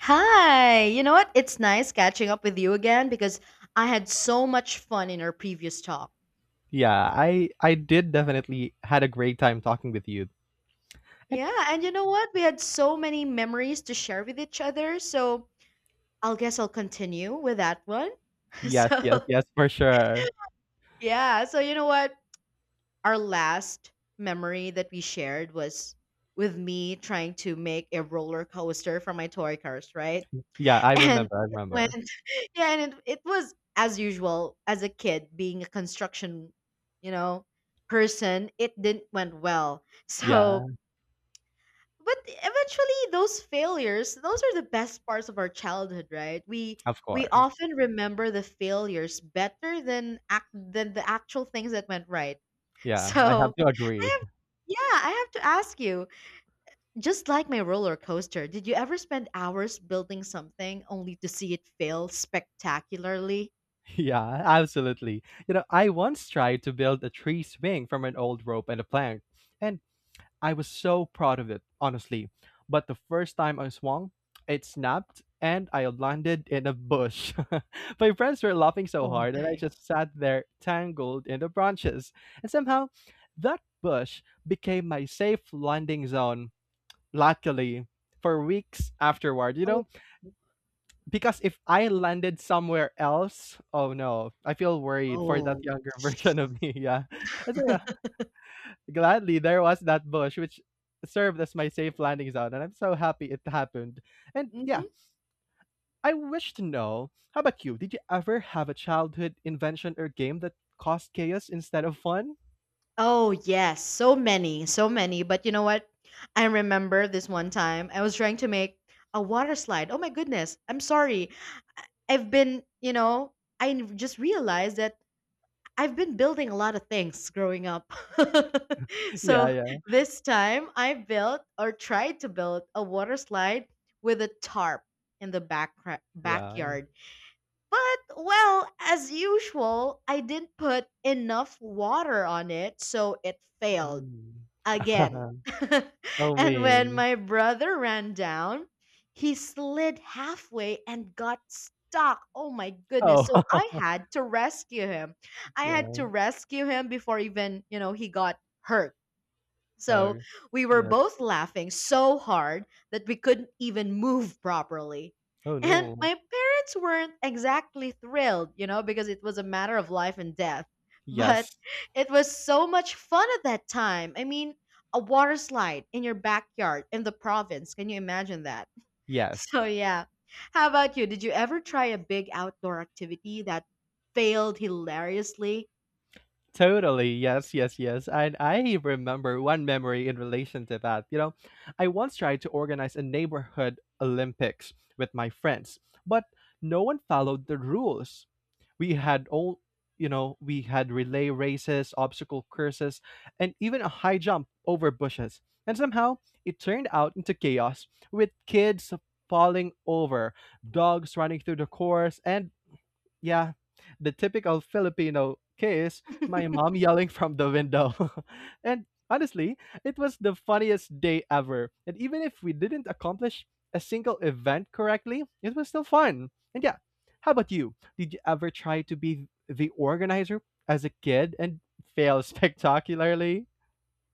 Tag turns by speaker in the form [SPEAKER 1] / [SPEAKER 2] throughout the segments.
[SPEAKER 1] Hi, you know what? It's nice catching up with you again because I had so much fun in our previous talk.
[SPEAKER 2] Yeah, I did definitely had a great time talking with you. And
[SPEAKER 1] Yeah, and you know what? We had so many memories to share with each other, so I'll guess I'll continue with that one.
[SPEAKER 2] yes, yes,
[SPEAKER 1] So,
[SPEAKER 2] yes, for sure.
[SPEAKER 1] yeah, so you know what? Our last memory that we shared was with me trying to make a roller coaster for my toy cars, right?
[SPEAKER 2] Yeah, I
[SPEAKER 1] And
[SPEAKER 2] remember, I
[SPEAKER 1] it went
[SPEAKER 2] remember.
[SPEAKER 1] yeah, and it was as usual, as a kid, being a construction, you know, person, it didn't went well.
[SPEAKER 2] Yeah,
[SPEAKER 1] So, but eventually those failures, those are the best parts of our childhood, right? We
[SPEAKER 2] of
[SPEAKER 1] we
[SPEAKER 2] course.
[SPEAKER 1] often remember the failures better than act than the actual things that went right.
[SPEAKER 2] Yeah,
[SPEAKER 1] So,
[SPEAKER 2] I have to
[SPEAKER 1] I
[SPEAKER 2] agree.
[SPEAKER 1] have yeah, I have to ask you, just like my roller coaster, did you ever spend hours building something only to see it fail spectacularly?
[SPEAKER 2] Yeah, absolutely. You know, I once tried to build a tree swing from an old rope and a plank, and I was so proud of it, honestly. But the first time I swung, it snapped and I landed in a bush. My friends were laughing so
[SPEAKER 1] Oh
[SPEAKER 2] hard, and I
[SPEAKER 1] my.
[SPEAKER 2] just sat there tangled in the branches. And somehow, that bush became my safe landing zone, luckily, for weeks afterward, you
[SPEAKER 1] Oh,
[SPEAKER 2] know? Because if I landed somewhere else, oh no, I feel worried for that
[SPEAKER 1] oh.
[SPEAKER 2] younger version of me. Yeah. And so, yeah, gladly, there was that bush which served as my safe landing zone, and I'm so happy it happened. And yeah,
[SPEAKER 1] Hmm.
[SPEAKER 2] I wish to know, how about you? Did you ever have a childhood invention or game that caused chaos instead of fun?
[SPEAKER 1] Oh, yes. So many, so many. But you know what? I remember this one time I was trying to make a water slide. Oh my goodness. I'm sorry. I've been, just realized that I've been building a lot of things growing up.
[SPEAKER 2] Yeah,
[SPEAKER 1] So
[SPEAKER 2] yeah,
[SPEAKER 1] this time I built or tried to build a water slide with a tarp in the back
[SPEAKER 2] yeah.
[SPEAKER 1] backyard. But well, as usual, I didn't put enough water on it, so it failed
[SPEAKER 2] Mm.
[SPEAKER 1] again.
[SPEAKER 2] Oh,
[SPEAKER 1] And when
[SPEAKER 2] mean.
[SPEAKER 1] my brother ran down, he slid halfway and got stuck. Oh my goodness.
[SPEAKER 2] Oh,
[SPEAKER 1] So I had to rescue him. I had
[SPEAKER 2] yeah.
[SPEAKER 1] to rescue him before even, you know, he got hurt. So
[SPEAKER 2] Oh,
[SPEAKER 1] we were
[SPEAKER 2] yes.
[SPEAKER 1] both laughing so hard that we couldn't even move properly.
[SPEAKER 2] Oh,
[SPEAKER 1] And
[SPEAKER 2] no.
[SPEAKER 1] my parents weren't exactly thrilled, because it was a matter of life and death. But
[SPEAKER 2] Yes,
[SPEAKER 1] it was so much fun at that time. I mean, a water slide in your backyard in the province. Can you imagine that?
[SPEAKER 2] yes.
[SPEAKER 1] So, yeah. How about you? Did you ever try a big outdoor activity that failed hilariously?
[SPEAKER 2] Totally. Yes, yes, yes. And I remember one memory in relation to that. You know, I once tried to organize a neighborhood Olympics with my friends, but no one followed the rules. We had all, you know, we had relay races, obstacle courses, and even a high jump over bushes. And somehow it turned out into chaos with kids falling over, dogs running through the course, and yeah, the typical Filipino kiss, my mom yelling from the window. And honestly, it was the funniest day ever. And even if we didn't accomplish a single event correctly, it was still fun. And yeah, how about you? Did you ever try to be the organizer as a kid and fail spectacularly?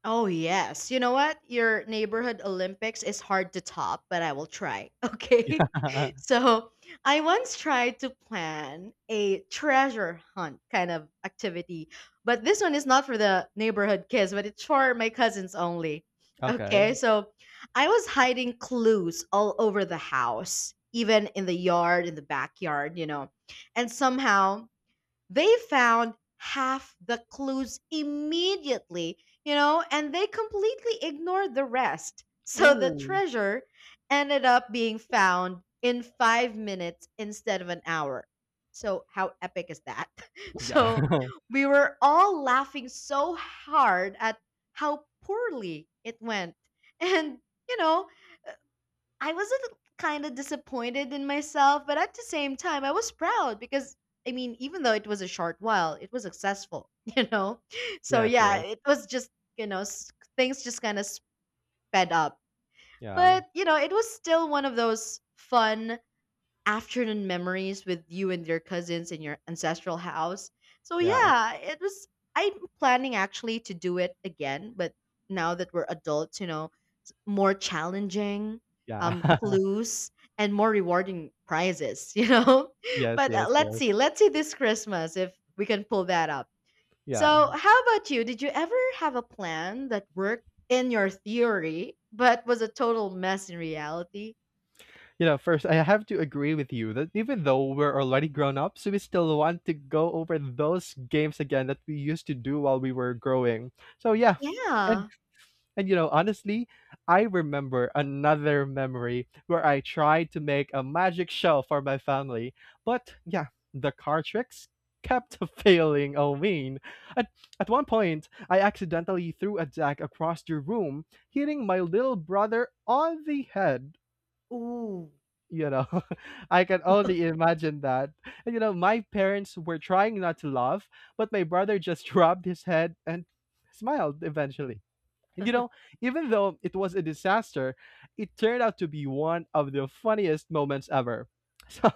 [SPEAKER 1] Oh, yes. You know what? Your neighborhood Olympics is hard to top, but I will try. Okay.
[SPEAKER 2] Yeah.
[SPEAKER 1] So, I once tried to plan a treasure hunt kind of activity, but this one is not for the neighborhood kids, but it's for my cousins only.
[SPEAKER 2] Okay.
[SPEAKER 1] Okay. So, I was hiding clues all over the house, even in the yard, in the backyard, you know. And somehow, they found half the clues immediately, and they completely ignored the rest. So the
[SPEAKER 2] Oh.
[SPEAKER 1] treasure ended up being found in 5 minutes instead of an hour. So, how epic is that?
[SPEAKER 2] Yeah.
[SPEAKER 1] So, we were all laughing so hard at how poorly it went. And, you know, I was kind of disappointed in myself, but at the same time, I was proud because I mean, even though it was a short while, it was successful, you know? So,
[SPEAKER 2] Yes, yes.
[SPEAKER 1] yeah, it was just, you know, s- things just kind of sped up.
[SPEAKER 2] Yeah.
[SPEAKER 1] But, it was still one of those fun afternoon memories with you and your cousins in your ancestral house. So,
[SPEAKER 2] Yeah.
[SPEAKER 1] yeah, I'm planning actually to do it again, but now that we're adults, more challenging
[SPEAKER 2] Yeah.
[SPEAKER 1] clues and more rewarding prizes
[SPEAKER 2] Yes,
[SPEAKER 1] but
[SPEAKER 2] yes,
[SPEAKER 1] let's
[SPEAKER 2] yes.
[SPEAKER 1] see this Christmas if we can pull that up.
[SPEAKER 2] Yeah.
[SPEAKER 1] So how about you? Did you ever have a plan that worked in your theory but was a total mess in reality?
[SPEAKER 2] You know, first, I have to agree with you that even though we're already grown ups, we still want to go over those games again that we used to do while we were growing. So, yeah. And,
[SPEAKER 1] Yeah.
[SPEAKER 2] and you know, honestly, I remember another memory where I tried to make a magic shell for my family. But yeah, the card tricks kept failing. I mean, at, at one point, I accidentally threw a deck across the room, hitting my little brother on the head
[SPEAKER 1] Ooh.
[SPEAKER 2] you know I can only imagine that. And my parents were trying not to laugh, but my brother just rubbed his head and smiled eventually. And even though it was a disaster, it turned out to be one of the funniest moments ever. So,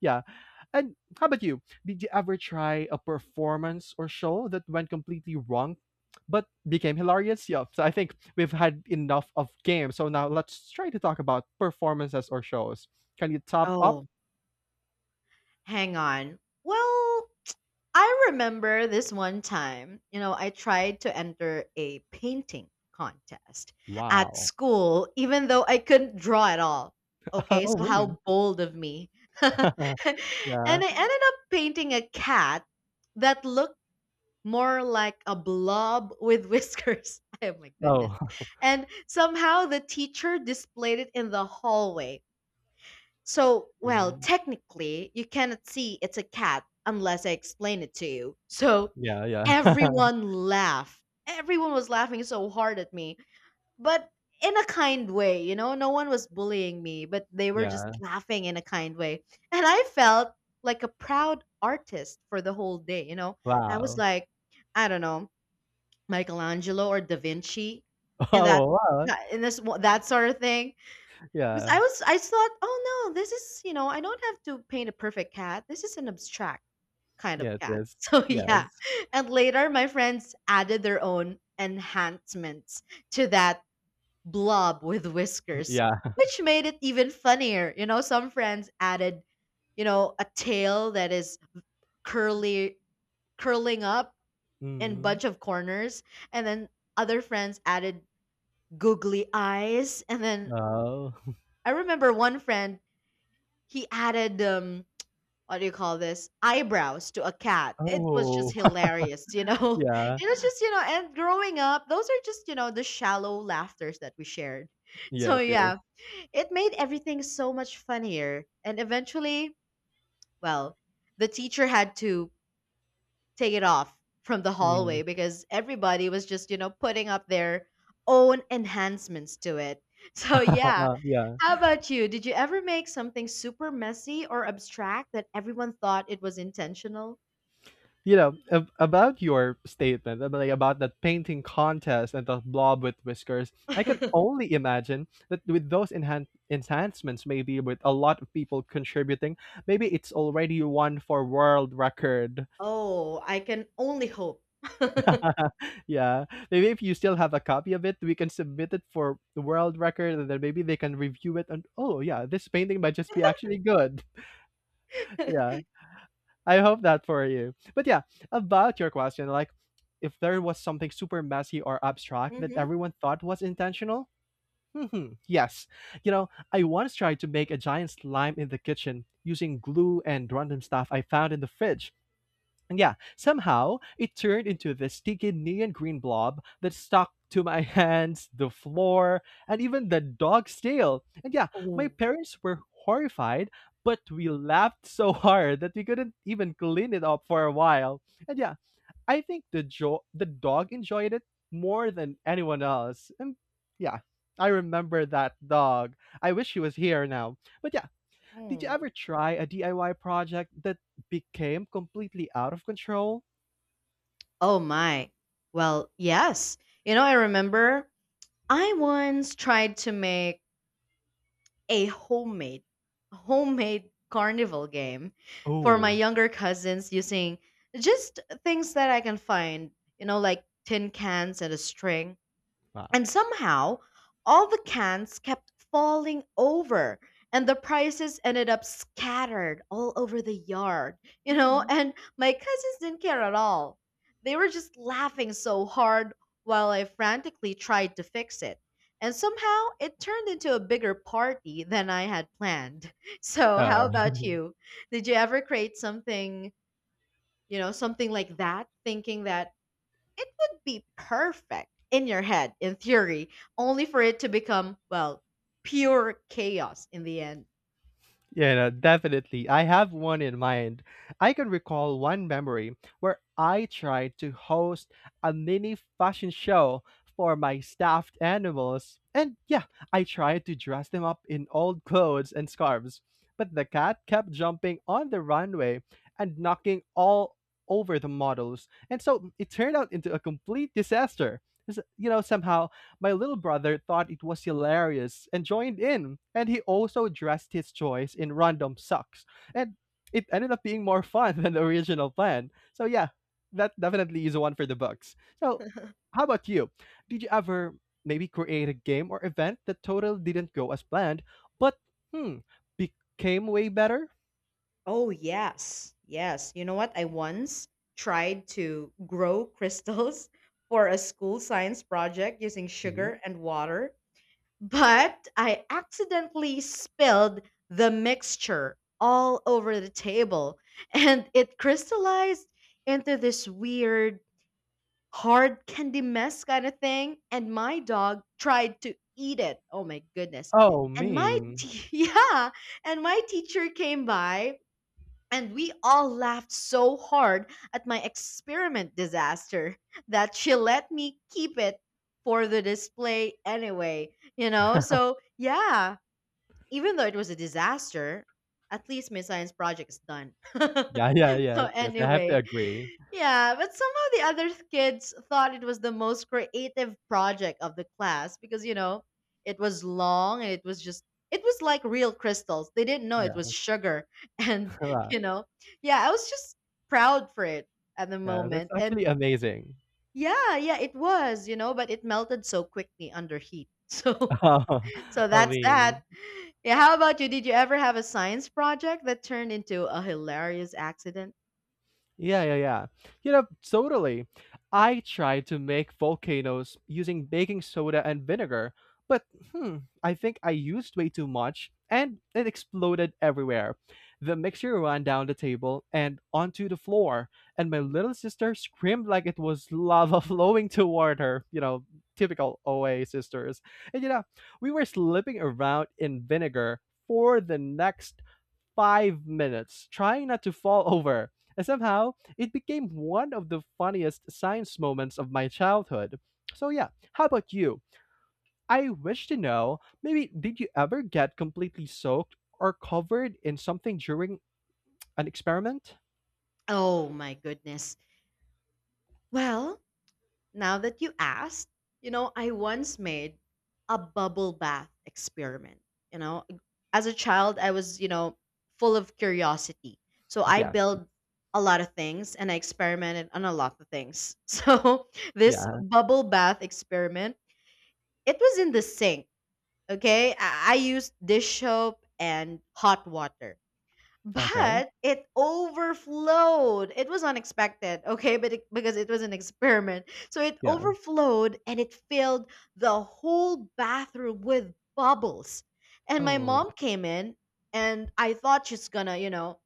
[SPEAKER 2] yeah. And how about you? Did you ever try a performance or show that went completely wrong but became hilarious? Yeah. So, I think we've had enough of games. So, now let's try to talk about performances or shows. Can you top up?
[SPEAKER 1] Oh, hang on. Well, I remember this one time, I tried to enter a painting contest at
[SPEAKER 2] Wow.
[SPEAKER 1] school, even though I couldn't draw at all. Okay,
[SPEAKER 2] Oh,
[SPEAKER 1] so how
[SPEAKER 2] man.
[SPEAKER 1] bold of me. And I
[SPEAKER 2] Yeah.
[SPEAKER 1] ended up painting a cat that looked more like a blob with whiskers. Oh my goodness.
[SPEAKER 2] Oh.
[SPEAKER 1] And somehow the teacher displayed it in the hallway so, well,
[SPEAKER 2] Mhm.
[SPEAKER 1] technically, you cannot see it's a cat unless I explain it to you. So,
[SPEAKER 2] Yeah, yeah.
[SPEAKER 1] everyone laughed. Everyone was laughing so hard at me, but in a kind way, no one was bullying me, but they were just
[SPEAKER 2] Yeah.
[SPEAKER 1] laughing in a kind way. And I felt like a proud artist for the whole day. I was
[SPEAKER 2] Wow.
[SPEAKER 1] like, I don't know, Michelangelo or Da Vinci and that
[SPEAKER 2] Oh, wow.
[SPEAKER 1] and this that sort of thing because
[SPEAKER 2] Yeah.
[SPEAKER 1] I thought, "Oh, no, this is, I don't have to paint a perfect cat. This is an abstract kind of
[SPEAKER 2] Yes,
[SPEAKER 1] cat."
[SPEAKER 2] yes,
[SPEAKER 1] So, yeah.
[SPEAKER 2] yes,
[SPEAKER 1] And later my friends added their own enhancements to that blob with whiskers,
[SPEAKER 2] yeah.
[SPEAKER 1] which made it even funnier. Some friends added, a tail that is curly curling up in
[SPEAKER 2] Mhm.
[SPEAKER 1] bunch of corners, and then other friends added googly eyes, and then
[SPEAKER 2] Oh.
[SPEAKER 1] I remember one friend he added what do you call this eyebrows to a cat it was just
[SPEAKER 2] Oh,
[SPEAKER 1] hilarious you know
[SPEAKER 2] yeah.
[SPEAKER 1] It was just, and growing up those are just, the shallow laughters that we shared. So
[SPEAKER 2] Yes, yes.
[SPEAKER 1] yeah, it made everything so much funnier and eventually well the teacher had to take it off from the hallway
[SPEAKER 2] Mm.
[SPEAKER 1] because everybody was just, putting up their own enhancements to it. So, yeah.
[SPEAKER 2] Yeah.
[SPEAKER 1] How about you? Did you ever make something super messy or abstract that everyone thought it was intentional?
[SPEAKER 2] You know, about your statement, like about that painting contest and the blob with whiskers, I can only imagine that with those enhancements, maybe with a lot of people contributing, maybe it's already one for world record.
[SPEAKER 1] Oh, I can only hope. Hmm.
[SPEAKER 2] Yeah. Maybe if you still have a copy of it, we can submit it for the world record, and then maybe they can review it and, oh yeah, this painting might just be actually good. Yeah. I hope that for you. But yeah, about your question, like if there was something super messy or abstract that everyone thought was intentional, yes. You know, I once tried to make a giant slime in the kitchen using glue and random stuff I found in the fridge. And yeah, somehow it turned into this sticky neon green blob that stuck to my hands, the floor, and even the dog's tail. And yeah, my
[SPEAKER 1] Oh.
[SPEAKER 2] parents were horrified, but we laughed so hard that we couldn't even clean it up for a while. And yeah, I think the dog enjoyed it more than anyone else. And yeah, I remember that dog. I wish he was here now. But yeah, did you
[SPEAKER 1] Oh.
[SPEAKER 2] ever try a DIY project that became completely out of control?
[SPEAKER 1] Oh my. Well, yes. I remember I once tried to make a homemade carnival game for my
[SPEAKER 2] Oh,
[SPEAKER 1] younger cousins using just things that I can find, like tin cans and a string
[SPEAKER 2] wow.
[SPEAKER 1] and somehow, all the cans kept falling over, and the prices ended up scattered all over the yard.
[SPEAKER 2] Mhm.
[SPEAKER 1] And my cousins didn't care at all. They were just laughing so hard while I frantically tried to fix it. And somehow it turned into a bigger party than I had planned. So, how
[SPEAKER 2] Oh,
[SPEAKER 1] about you? Did you ever create something, something like that, thinking that it would be perfect in your head, in theory, only for it to become, well, pure chaos in the end.
[SPEAKER 2] yeah, no, definitely. I have one in mind. I can recall one memory where I tried to host a mini fashion show for my stuffed animals. And yeah, I tried to dress them up in old clothes and scarves. But the cat kept jumping on the runway and knocking all over the models. And so it turned out into a complete disaster. You know, somehow my little brother thought it was hilarious and joined in, and he also dressed his choice in random socks. And it ended up being more fun than the original plan. So yeah, that definitely is one for the books. So how about you? Did you ever maybe create a game or event that totally didn't go as planned, but hmm, became way better?
[SPEAKER 1] Oh, yes. Yes. You know what? I once tried to grow crystals for a school science project using
[SPEAKER 2] Ooh.
[SPEAKER 1] sugar and water, but I accidentally spilled the mixture all over the table and it crystallized into this weird hard candy mess kind of thing. And my dog tried to eat it. Oh, my goodness.
[SPEAKER 2] Oh, mean.
[SPEAKER 1] Yeah. And my teacher came by and we all laughed so hard at my experiment disaster that she let me keep it for the display anyway. So, yeah, even though it was a disaster, at least my science project is done.
[SPEAKER 2] Yeah, yeah,
[SPEAKER 1] So
[SPEAKER 2] yes, yes. I have to
[SPEAKER 1] anyway,
[SPEAKER 2] agree.
[SPEAKER 1] yeah, but somehow the other kids thought it was the most creative project of the class because it was long and it was like real crystals. They didn't know it was
[SPEAKER 2] Yeah,
[SPEAKER 1] sugar and you know, yeah, I was just proud for it at the
[SPEAKER 2] yeah. That's
[SPEAKER 1] moment.
[SPEAKER 2] actually
[SPEAKER 1] And
[SPEAKER 2] amazing.
[SPEAKER 1] yeah, yeah, it was, but it melted so quickly under heat. So so
[SPEAKER 2] I
[SPEAKER 1] that's that.
[SPEAKER 2] mean,
[SPEAKER 1] Yeah, how about you? Did you ever have a science project that turned into a hilarious accident?
[SPEAKER 2] yeah, yeah, yeah. You know, totally. I tried to make volcanoes using baking soda and vinegar, but hmm, I think I used way too much and it exploded everywhere. The mixture ran down the table and onto the floor, and my little sister screamed like it was lava flowing toward her. You know, typical OA sisters. And we were slipping around in vinegar for the next 5 minutes, trying not to fall over. And somehow, it became one of the funniest science moments of my childhood. So, yeah, how about you? I wish to know, maybe did you ever get completely soaked or covered in something during an experiment?
[SPEAKER 1] Oh my goodness. Well, now that you asked, I once made a bubble bath experiment. You know, as a child, I was, full of curiosity. So I
[SPEAKER 2] Yes.
[SPEAKER 1] built a lot of things and I experimented on a lot of things. So this
[SPEAKER 2] Yeah.
[SPEAKER 1] bubble bath experiment, it was in the sink. Okay. I used dish soap and hot water
[SPEAKER 2] Okay.
[SPEAKER 1] but it overflowed. It was unexpected, okay, because it was an experiment. So it
[SPEAKER 2] Yeah.
[SPEAKER 1] overflowed and it filled the whole bathroom with bubbles. And my
[SPEAKER 2] Oh,
[SPEAKER 1] mom came in and I thought she's gonna,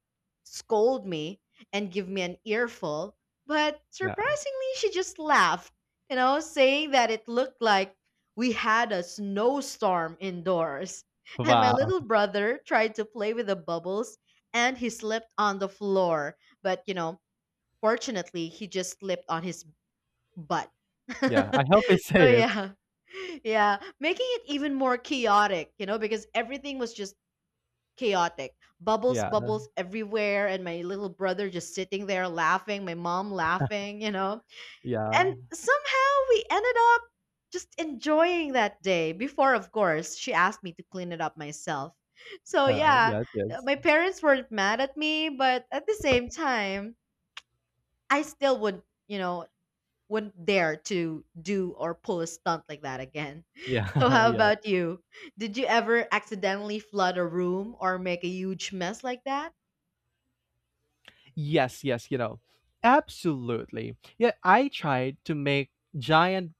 [SPEAKER 1] scold me and give me an earful, but
[SPEAKER 2] yeah.
[SPEAKER 1] surprisingly she just laughed, saying that it looked like we had a snowstorm indoors. And my little
[SPEAKER 2] Wow.
[SPEAKER 1] brother tried to play with the bubbles and he slipped on the floor. But fortunately, he just slipped on his butt.
[SPEAKER 2] Yeah. I hope it's
[SPEAKER 1] So
[SPEAKER 2] safe.
[SPEAKER 1] yeah, yeah, making it even more chaotic, because everything was just chaotic. Bubbles,
[SPEAKER 2] Yeah.
[SPEAKER 1] bubbles everywhere, and my little brother just sitting there laughing, my mom laughing, and
[SPEAKER 2] Yeah.
[SPEAKER 1] somehow we ended up just enjoying that day before, of course, she asked me to clean it up myself. So, yeah,
[SPEAKER 2] Yes. Yes.
[SPEAKER 1] my parents weren't mad at me, but at the same time, I still wouldn't dare to do or pull a stunt like that again.
[SPEAKER 2] Yeah.
[SPEAKER 1] So, how
[SPEAKER 2] Yeah.
[SPEAKER 1] about you? Did you ever accidentally flood a room or make a huge mess like that?
[SPEAKER 2] Yes, yes. Absolutely. Yeah, I tried to make giant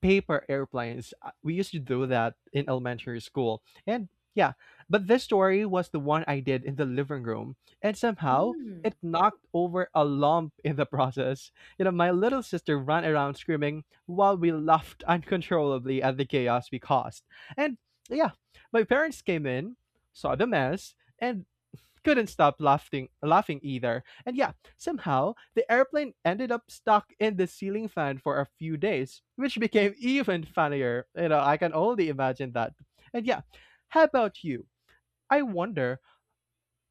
[SPEAKER 2] paper airplanes. We used to do that in elementary school. And yeah, but this story was the one I did in the living room. And somehow
[SPEAKER 1] Mm.
[SPEAKER 2] it knocked over a lump in the process. You know, my little sister ran around screaming while we laughed uncontrollably at the chaos we caused. And yeah, my parents came in, saw the mess, and couldn't stop laughing either. And yeah, somehow the airplane ended up stuck in the ceiling fan for a few days, which became even funnier. You know, I can only imagine that. And yeah, how about you? I wonder,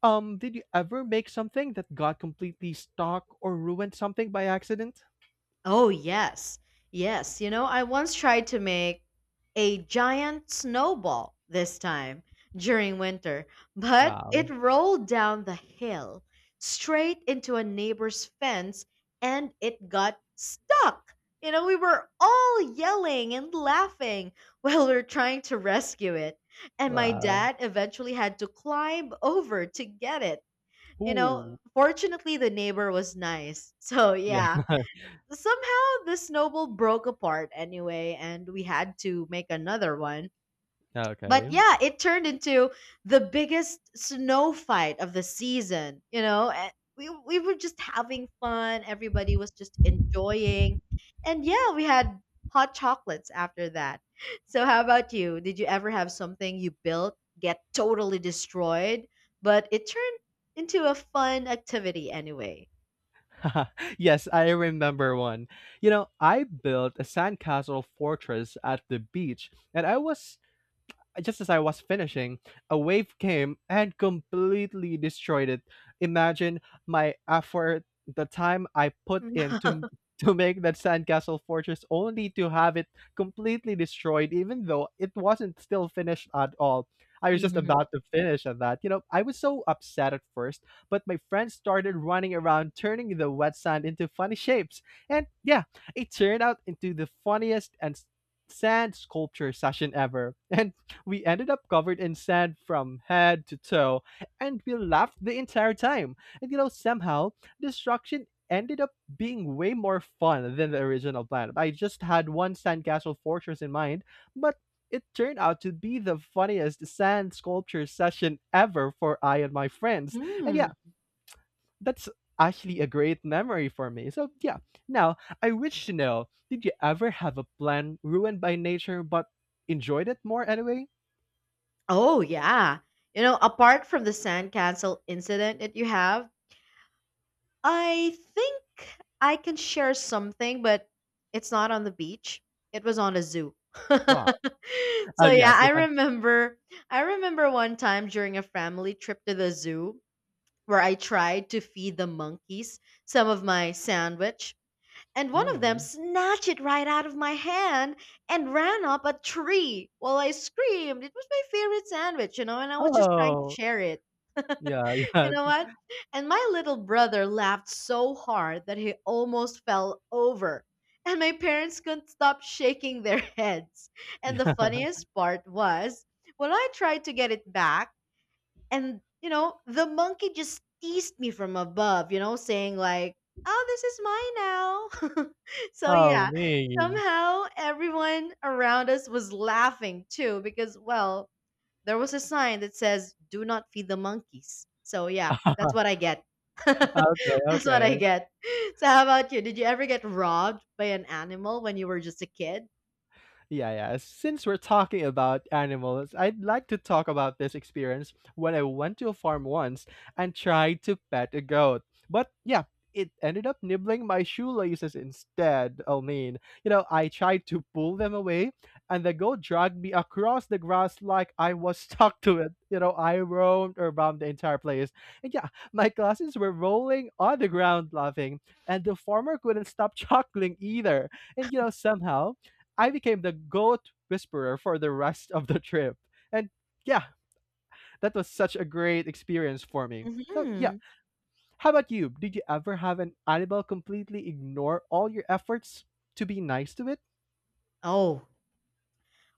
[SPEAKER 2] did you ever make something that got completely stuck or ruined something by accident?
[SPEAKER 1] Oh, yes. Yes. You know, I once tried to make a giant snowball this time during winter, but
[SPEAKER 2] Wow.
[SPEAKER 1] it rolled down the hill straight into a neighbor's fence and it got stuck. You know, we were all yelling and laughing while we are trying to rescue it. And my
[SPEAKER 2] Wow.
[SPEAKER 1] dad eventually had to climb over to get it. You know,
[SPEAKER 2] Ooh.
[SPEAKER 1] fortunately, the neighbor was nice. So,
[SPEAKER 2] Yeah.
[SPEAKER 1] yeah, somehow this snowball broke apart anyway, and we had to make another one. But
[SPEAKER 2] Okay.
[SPEAKER 1] yeah, it turned into the biggest snow fight of the season. You know, and we were just having fun. Everybody was just enjoying, and yeah, we had hot chocolates after that. So how about you? Did you ever have something you built get totally destroyed, but it turned into a fun activity anyway?
[SPEAKER 2] Yes, I remember one. You know, I built a sandcastle fortress at the beach, and I was just as I was finishing, a wave came and completely destroyed it. Imagine my effort, the time I put in to to make that sandcastle fortress, only to have it completely destroyed even though it wasn't still finished at all. I was just
[SPEAKER 1] Mhm.
[SPEAKER 2] about to finish at that. You know, I was so upset at first, but my friends started running around turning the wet sand into funny shapes. And yeah, it turned out into the funniest sand sculpture session ever. And we ended up covered in sand from head to toe, and we laughed the entire time. And you know, somehow, destruction ended up being way more fun than the original plan. I just had one sandcastle fortress in mind, but it turned out to be the funniest sand sculpture session ever for I and my friends. And
[SPEAKER 1] Mm.
[SPEAKER 2] yeah, that's actually a great memory for me. So yeah, now I wish to know, did you ever have a plan ruined by nature but enjoyed it more anyway?
[SPEAKER 1] Oh, yeah. You know, apart from the sandcastle incident that you have, I think I can share something, but it's not on the beach. It was on a zoo.
[SPEAKER 2] Wow. Oh,
[SPEAKER 1] So yeah,
[SPEAKER 2] yes,
[SPEAKER 1] I
[SPEAKER 2] yes, I
[SPEAKER 1] remember I remember one time during a family trip to the zoo where I tried to feed the monkeys some of my sandwich, and one of them
[SPEAKER 2] mm.
[SPEAKER 1] snatched it right out of my hand and ran up a tree while I screamed. It was my favorite sandwich, you know, and I was just trying to
[SPEAKER 2] Oh,
[SPEAKER 1] share it.
[SPEAKER 2] yeah,
[SPEAKER 1] You
[SPEAKER 2] yeah,
[SPEAKER 1] know what? And my little brother laughed so hard that he almost fell over. And my parents couldn't stop shaking their heads. And the
[SPEAKER 2] yeah.
[SPEAKER 1] funniest part was when I tried to get it back, and you know the monkey just teased me from above, you know, saying like, "Oh, this is mine now." So
[SPEAKER 2] Oh,
[SPEAKER 1] yeah,
[SPEAKER 2] man.
[SPEAKER 1] somehow everyone around us was laughing too because, well, there was a sign that says do not feed the monkeys. So yeah, that's what I get.
[SPEAKER 2] Okay,
[SPEAKER 1] That's what I
[SPEAKER 2] okay.
[SPEAKER 1] get. So how about you? Did you ever get robbed by an animal when you were just a kid?
[SPEAKER 2] Yeah, yeah. Since we're talking about animals, I'd like to talk about this experience when I went to a farm once and tried to pet a goat. But yeah, it ended up nibbling my shoelaces instead. I mean, I tried to pull them away, and the goat dragged me across the grass like I was stuck to it. You know, I roamed around the entire place. And yeah, my cousins were rolling on the ground laughing, and the farmer couldn't stop chuckling either. And somehow I became the goat whisperer for the rest of the trip. And yeah, that was such a great experience for me. So yeah,
[SPEAKER 1] Hmm.
[SPEAKER 2] how about you? Did you ever have an animal completely ignore all your efforts to be nice to it?
[SPEAKER 1] Oh,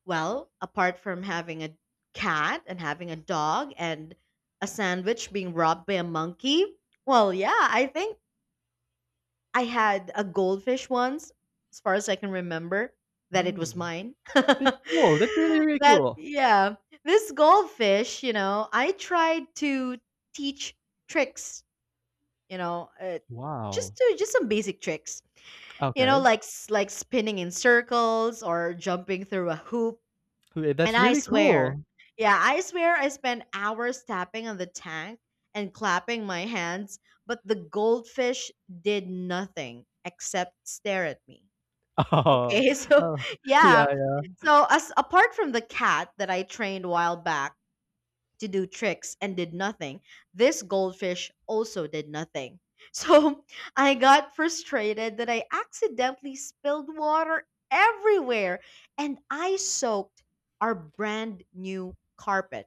[SPEAKER 1] well, apart from having a cat and having a dog and a sandwich being robbed by a monkey, well, yeah, I think I had a goldfish once, as far as I can remember, that it was
[SPEAKER 2] Hmm.
[SPEAKER 1] mine.
[SPEAKER 2] That's cool. That's really, really
[SPEAKER 1] That,
[SPEAKER 2] cool.
[SPEAKER 1] yeah, this goldfish, you know, I tried to teach tricks, you know, just
[SPEAKER 2] Wow.
[SPEAKER 1] to just some basic tricks, you know,
[SPEAKER 2] Okay.
[SPEAKER 1] like like spinning in circles or jumping through a hoop,
[SPEAKER 2] Wait,
[SPEAKER 1] and
[SPEAKER 2] that's
[SPEAKER 1] I
[SPEAKER 2] really
[SPEAKER 1] swear,
[SPEAKER 2] cool.
[SPEAKER 1] yeah, I swear I spent hours tapping on the tank and clapping my hands, but the goldfish did nothing except stare at me.
[SPEAKER 2] Oh,
[SPEAKER 1] Okay. So
[SPEAKER 2] oh yeah,
[SPEAKER 1] yeah.
[SPEAKER 2] yeah.
[SPEAKER 1] So as apart from the cat that I trained a while back to do tricks and did nothing, this goldfish also did nothing. So I got frustrated that I accidentally spilled water everywhere and I soaked our brand new carpet.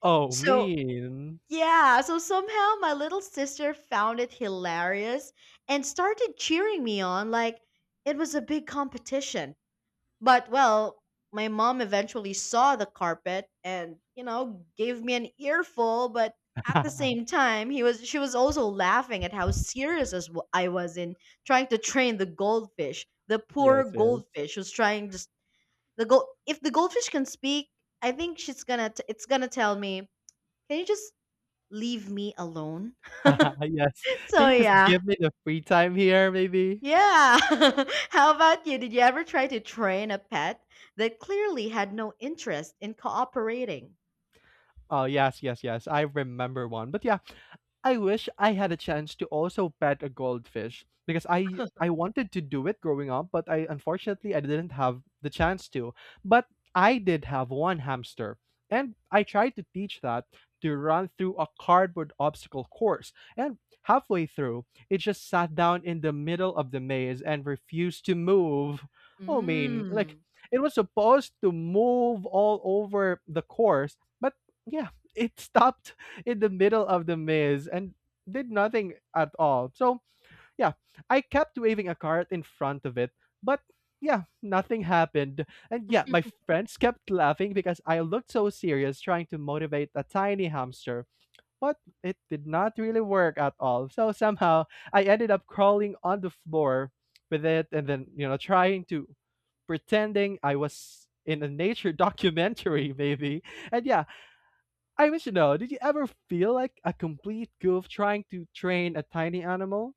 [SPEAKER 2] Oh,
[SPEAKER 1] So,
[SPEAKER 2] mean.
[SPEAKER 1] yeah, so somehow my little sister found it hilarious and started cheering me on like it was a big competition. But well, my mom eventually saw the carpet and, you know, gave me an earful, but at the same time, he was she was also laughing at how serious I was in trying to train the goldfish. The poor
[SPEAKER 2] Yes, yes.
[SPEAKER 1] goldfish who's trying just the gold if the goldfish can speak, I think it's gonna tell me, "Can you just leave me alone?"
[SPEAKER 2] Yes.
[SPEAKER 1] So
[SPEAKER 2] Can you just
[SPEAKER 1] yeah.
[SPEAKER 2] give me the free time here, maybe?
[SPEAKER 1] Yeah. How about you? Did you ever try to train a pet that clearly had no interest in cooperating?
[SPEAKER 2] Oh, yes, yes, yes. I remember one. But yeah, I wish I had a chance to also pet a goldfish because I wanted to do it growing up, but I unfortunately I didn't have the chance to. But I did have one hamster, and I tried to teach that to run through a cardboard obstacle course. And halfway through, it just sat down in the middle of the maze and refused to move. I mean, like
[SPEAKER 1] Mm.
[SPEAKER 2] it was supposed to move all over the course, but yeah, it stopped in the middle of the maze and did nothing at all. So, yeah, I kept waving a cart in front of it, but yeah, nothing happened. And yeah, my friends kept laughing because I looked so serious trying to motivate a tiny hamster, but it did not really work at all. So, somehow, I ended up crawling on the floor with it and then, trying to pretending I was in a nature documentary, maybe. And yeah, I wish to know, did you ever feel like a complete goof trying to train a tiny animal?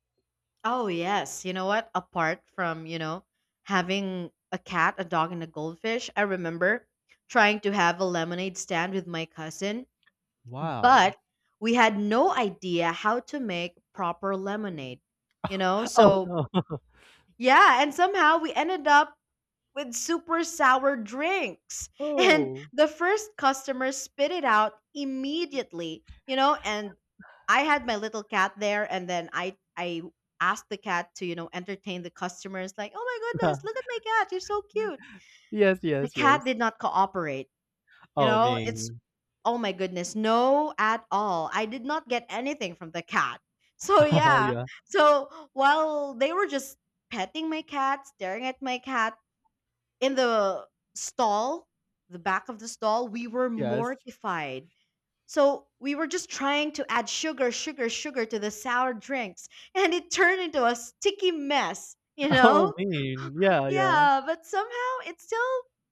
[SPEAKER 1] Oh, yes. You know what? Apart from, you know, having a cat, a dog, and a goldfish, I remember trying to have a lemonade stand with my cousin,
[SPEAKER 2] Wow.
[SPEAKER 1] but we had no idea how to make proper lemonade, you know?
[SPEAKER 2] Oh,
[SPEAKER 1] So,
[SPEAKER 2] no.
[SPEAKER 1] yeah. And somehow we ended up with super sour drinks. And
[SPEAKER 2] Oh.
[SPEAKER 1] the first customer spit it out immediately, you know, and I had my little cat there, and then I asked the cat to, you know, entertain the customers like, "Oh my goodness, look at my cat. You're so cute."
[SPEAKER 2] Yes,
[SPEAKER 1] The
[SPEAKER 2] yes,
[SPEAKER 1] cat
[SPEAKER 2] yes.
[SPEAKER 1] did not cooperate. You
[SPEAKER 2] Oh,
[SPEAKER 1] know, it's
[SPEAKER 2] mean.
[SPEAKER 1] oh my goodness, no at all. I did not get anything from the cat. So yeah.
[SPEAKER 2] Yeah.
[SPEAKER 1] So while they were just petting my cat, staring at my cat, in the stall, the back of the stall, we were
[SPEAKER 2] Yes.
[SPEAKER 1] mortified. So we were just trying to add sugar, sugar, sugar to the sour drinks, and it turned into a sticky mess, you
[SPEAKER 2] Oh,
[SPEAKER 1] know?
[SPEAKER 2] mean. Yeah, yeah.
[SPEAKER 1] Yeah, but somehow it still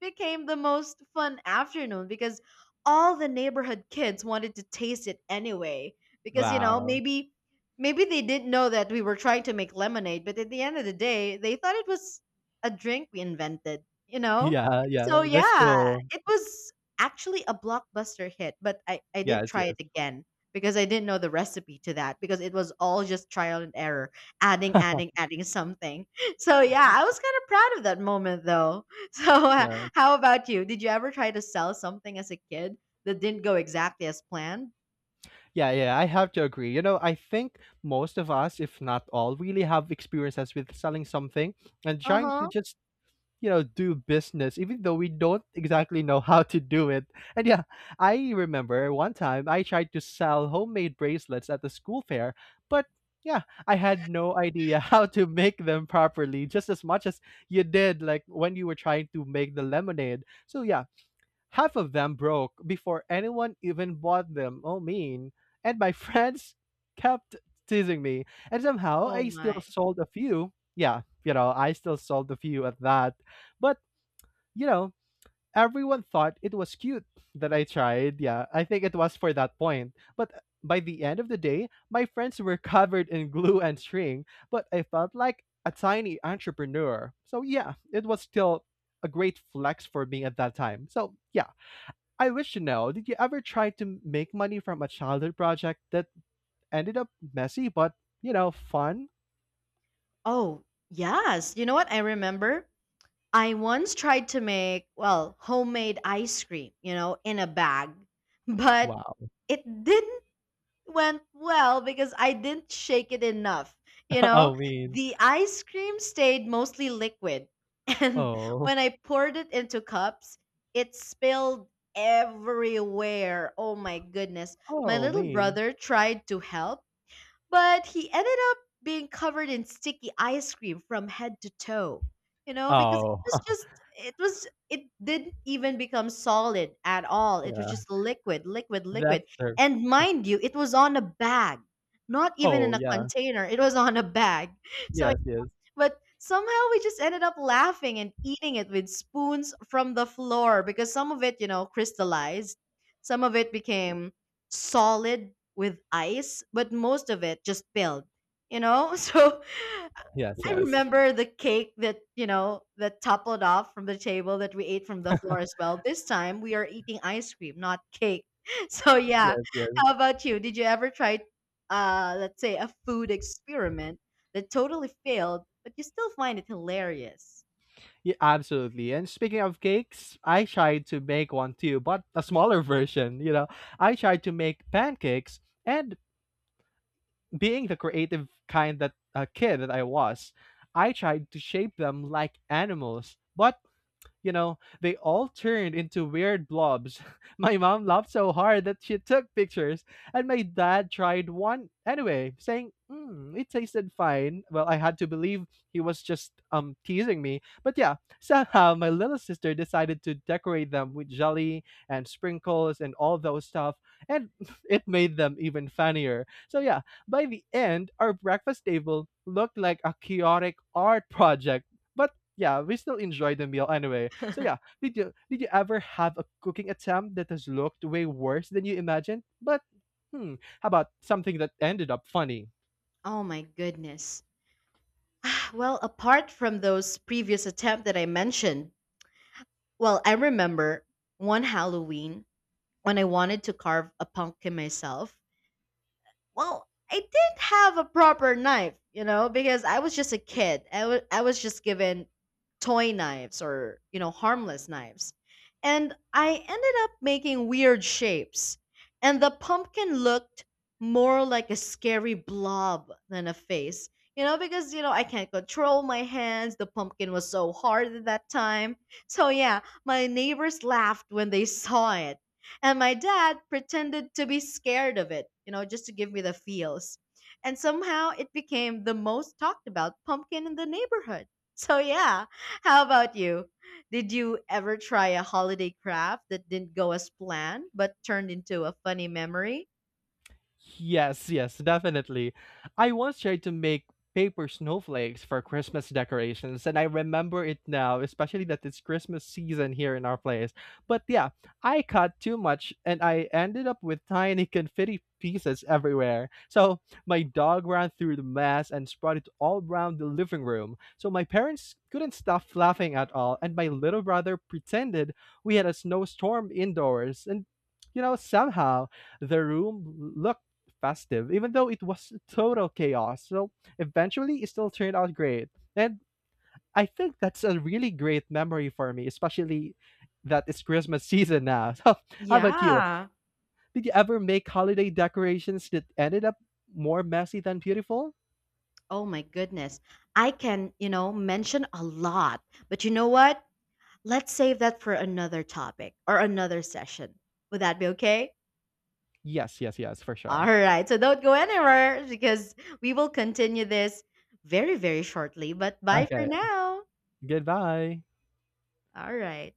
[SPEAKER 1] became the most fun afternoon because all the neighborhood kids wanted to taste it anyway. Because, you know,
[SPEAKER 2] Wow.
[SPEAKER 1] maybe they didn't know that we were trying to make lemonade, but at the end of the day, they thought it was a drink we invented, you know?
[SPEAKER 2] Yeah,
[SPEAKER 1] So
[SPEAKER 2] yeah. Let's
[SPEAKER 1] yeah,
[SPEAKER 2] go.
[SPEAKER 1] it was actually a blockbuster hit, but I did
[SPEAKER 2] Yes,
[SPEAKER 1] try it
[SPEAKER 2] yes.
[SPEAKER 1] again because I didn't know the recipe to that because it was all just trial and error, adding, adding, adding something. So yeah, I was kind of proud of that moment though. So
[SPEAKER 2] Yeah.
[SPEAKER 1] how about you? Did you ever try to sell something as a kid that didn't go exactly as planned?
[SPEAKER 2] Yeah, yeah, I have to agree. You know, I think most of us, if not all, really have experiences with selling something and trying to
[SPEAKER 1] Uh-huh.
[SPEAKER 2] just you know do business even though we don't exactly know how to do it and yeah, I remember one time I tried to sell homemade bracelets at the school fair, but yeah, I had no idea how to make them properly, just as much as you did like when you were trying to make the lemonade. So yeah, half of them broke before anyone even bought them. Oh, mean. And my friends kept teasing me. And somehow
[SPEAKER 1] Oh
[SPEAKER 2] I still
[SPEAKER 1] my.
[SPEAKER 2] sold a few. Yeah, you know, I still sold a few at that. But, you know, everyone thought it was cute that I tried. Yeah, I think it was for that point. But by the end of the day, my friends were covered in glue and string, but I felt like a tiny entrepreneur. So, yeah, it was still a great flex for me at that time. So, yeah, I wish to know, did you ever try to make money from a childhood project that ended up messy but, you know, fun?
[SPEAKER 1] Oh, yes. You know what? I remember I once tried to make, well, homemade ice cream, you know, in a bag, but
[SPEAKER 2] Wow.
[SPEAKER 1] it didn't went well because I didn't shake it enough. You know,
[SPEAKER 2] Oh, mean.
[SPEAKER 1] the ice cream stayed mostly liquid. And
[SPEAKER 2] Oh.
[SPEAKER 1] when I poured it into cups, it spilled everywhere. Oh my goodness. My
[SPEAKER 2] Oh,
[SPEAKER 1] little
[SPEAKER 2] mean.
[SPEAKER 1] brother tried to help but he ended up being covered in sticky ice cream from head to toe. You know, because it
[SPEAKER 2] Oh,
[SPEAKER 1] was just it didn't even become solid at all. It was
[SPEAKER 2] yeah.
[SPEAKER 1] just liquid, liquid, liquid.
[SPEAKER 2] That's her.
[SPEAKER 1] And mind you, it was on a bag. Not even in
[SPEAKER 2] Oh,
[SPEAKER 1] a
[SPEAKER 2] yeah.
[SPEAKER 1] container. It was on a bag. So
[SPEAKER 2] Yes, yes.
[SPEAKER 1] but somehow we just ended up laughing and eating it with spoons from the floor because some of it, you know, crystallized. Some of it became solid with ice, but most of it just spilled, you know? So
[SPEAKER 2] Yes,
[SPEAKER 1] I
[SPEAKER 2] yes.
[SPEAKER 1] remember the cake that, you know, that toppled off from the table that we ate from the floor as well. This time we are eating ice cream, not cake. So yeah,
[SPEAKER 2] Yes, yes.
[SPEAKER 1] how about you? Did you ever try let's say a food experiment that totally failed, but you still find it hilarious?
[SPEAKER 2] Yeah, absolutely. And speaking of cakes, I tried to make one too, but a smaller version, you know. I tried to make pancakes and being the creative kind that kid that I was, I tried to shape them like animals, but you know, they all turned into weird blobs. My mom laughed so hard that she took pictures, and my dad tried one anyway, saying, "It tasted fine." Well, I had to believe he was just teasing me. But yeah, somehow my little sister decided to decorate them with jelly and sprinkles and all those stuff, and it made them even funnier. So yeah, by the end, our breakfast table looked like a chaotic art project. But yeah, we still enjoy the meal anyway. So yeah, did you ever have a cooking attempt that has looked way worse than you imagined? But hmm, how about something that ended up funny?
[SPEAKER 1] Oh my goodness. Well, apart from those previous attempt that I mentioned, well, I remember one Halloween when I wanted to carve a pumpkin myself. Well, I didn't have a proper knife, you know, because I was just a kid. I was just given toy knives or, you know, harmless knives. And I ended up making weird shapes. And the pumpkin looked more like a scary blob than a face, you know, because, you know, I can't control my hands. The pumpkin was so hard at that time. So, yeah, my neighbors laughed when they saw it and my dad pretended to be scared of it, you know, just to give me the feels. And somehow it became the most talked about pumpkin in the neighborhood. So, yeah, how about you? Did you ever try a holiday craft that didn't go as planned but turned into a funny memory?
[SPEAKER 2] Yes, yes, definitely. I once tried to make paper snowflakes for Christmas decorations, and I remember it now, especially that it's Christmas season here in our place. But yeah, I cut too much and I ended up with tiny confetti pieces everywhere. So my dog ran through the mess and spread it all around the living room. So my parents couldn't stop laughing at all, and my little brother pretended we had a snowstorm indoors. And you know, somehow the room looked festive, even though it was total chaos. So eventually, it still turned out great. And I think that's a really great memory for me, especially that it's Christmas season now. So, how about you?
[SPEAKER 1] Yeah.
[SPEAKER 2] Did you ever make holiday decorations that ended up more messy than beautiful?
[SPEAKER 1] Oh my goodness. I can, you know, mention a lot. But you know what? Let's save that for another topic or another session. Would that be okay?
[SPEAKER 2] Yes, yes, yes, for
[SPEAKER 1] All
[SPEAKER 2] sure.
[SPEAKER 1] right. So don't go anywhere because we will continue this very, very shortly. But bye for
[SPEAKER 2] Okay,
[SPEAKER 1] now.
[SPEAKER 2] goodbye.
[SPEAKER 1] All right.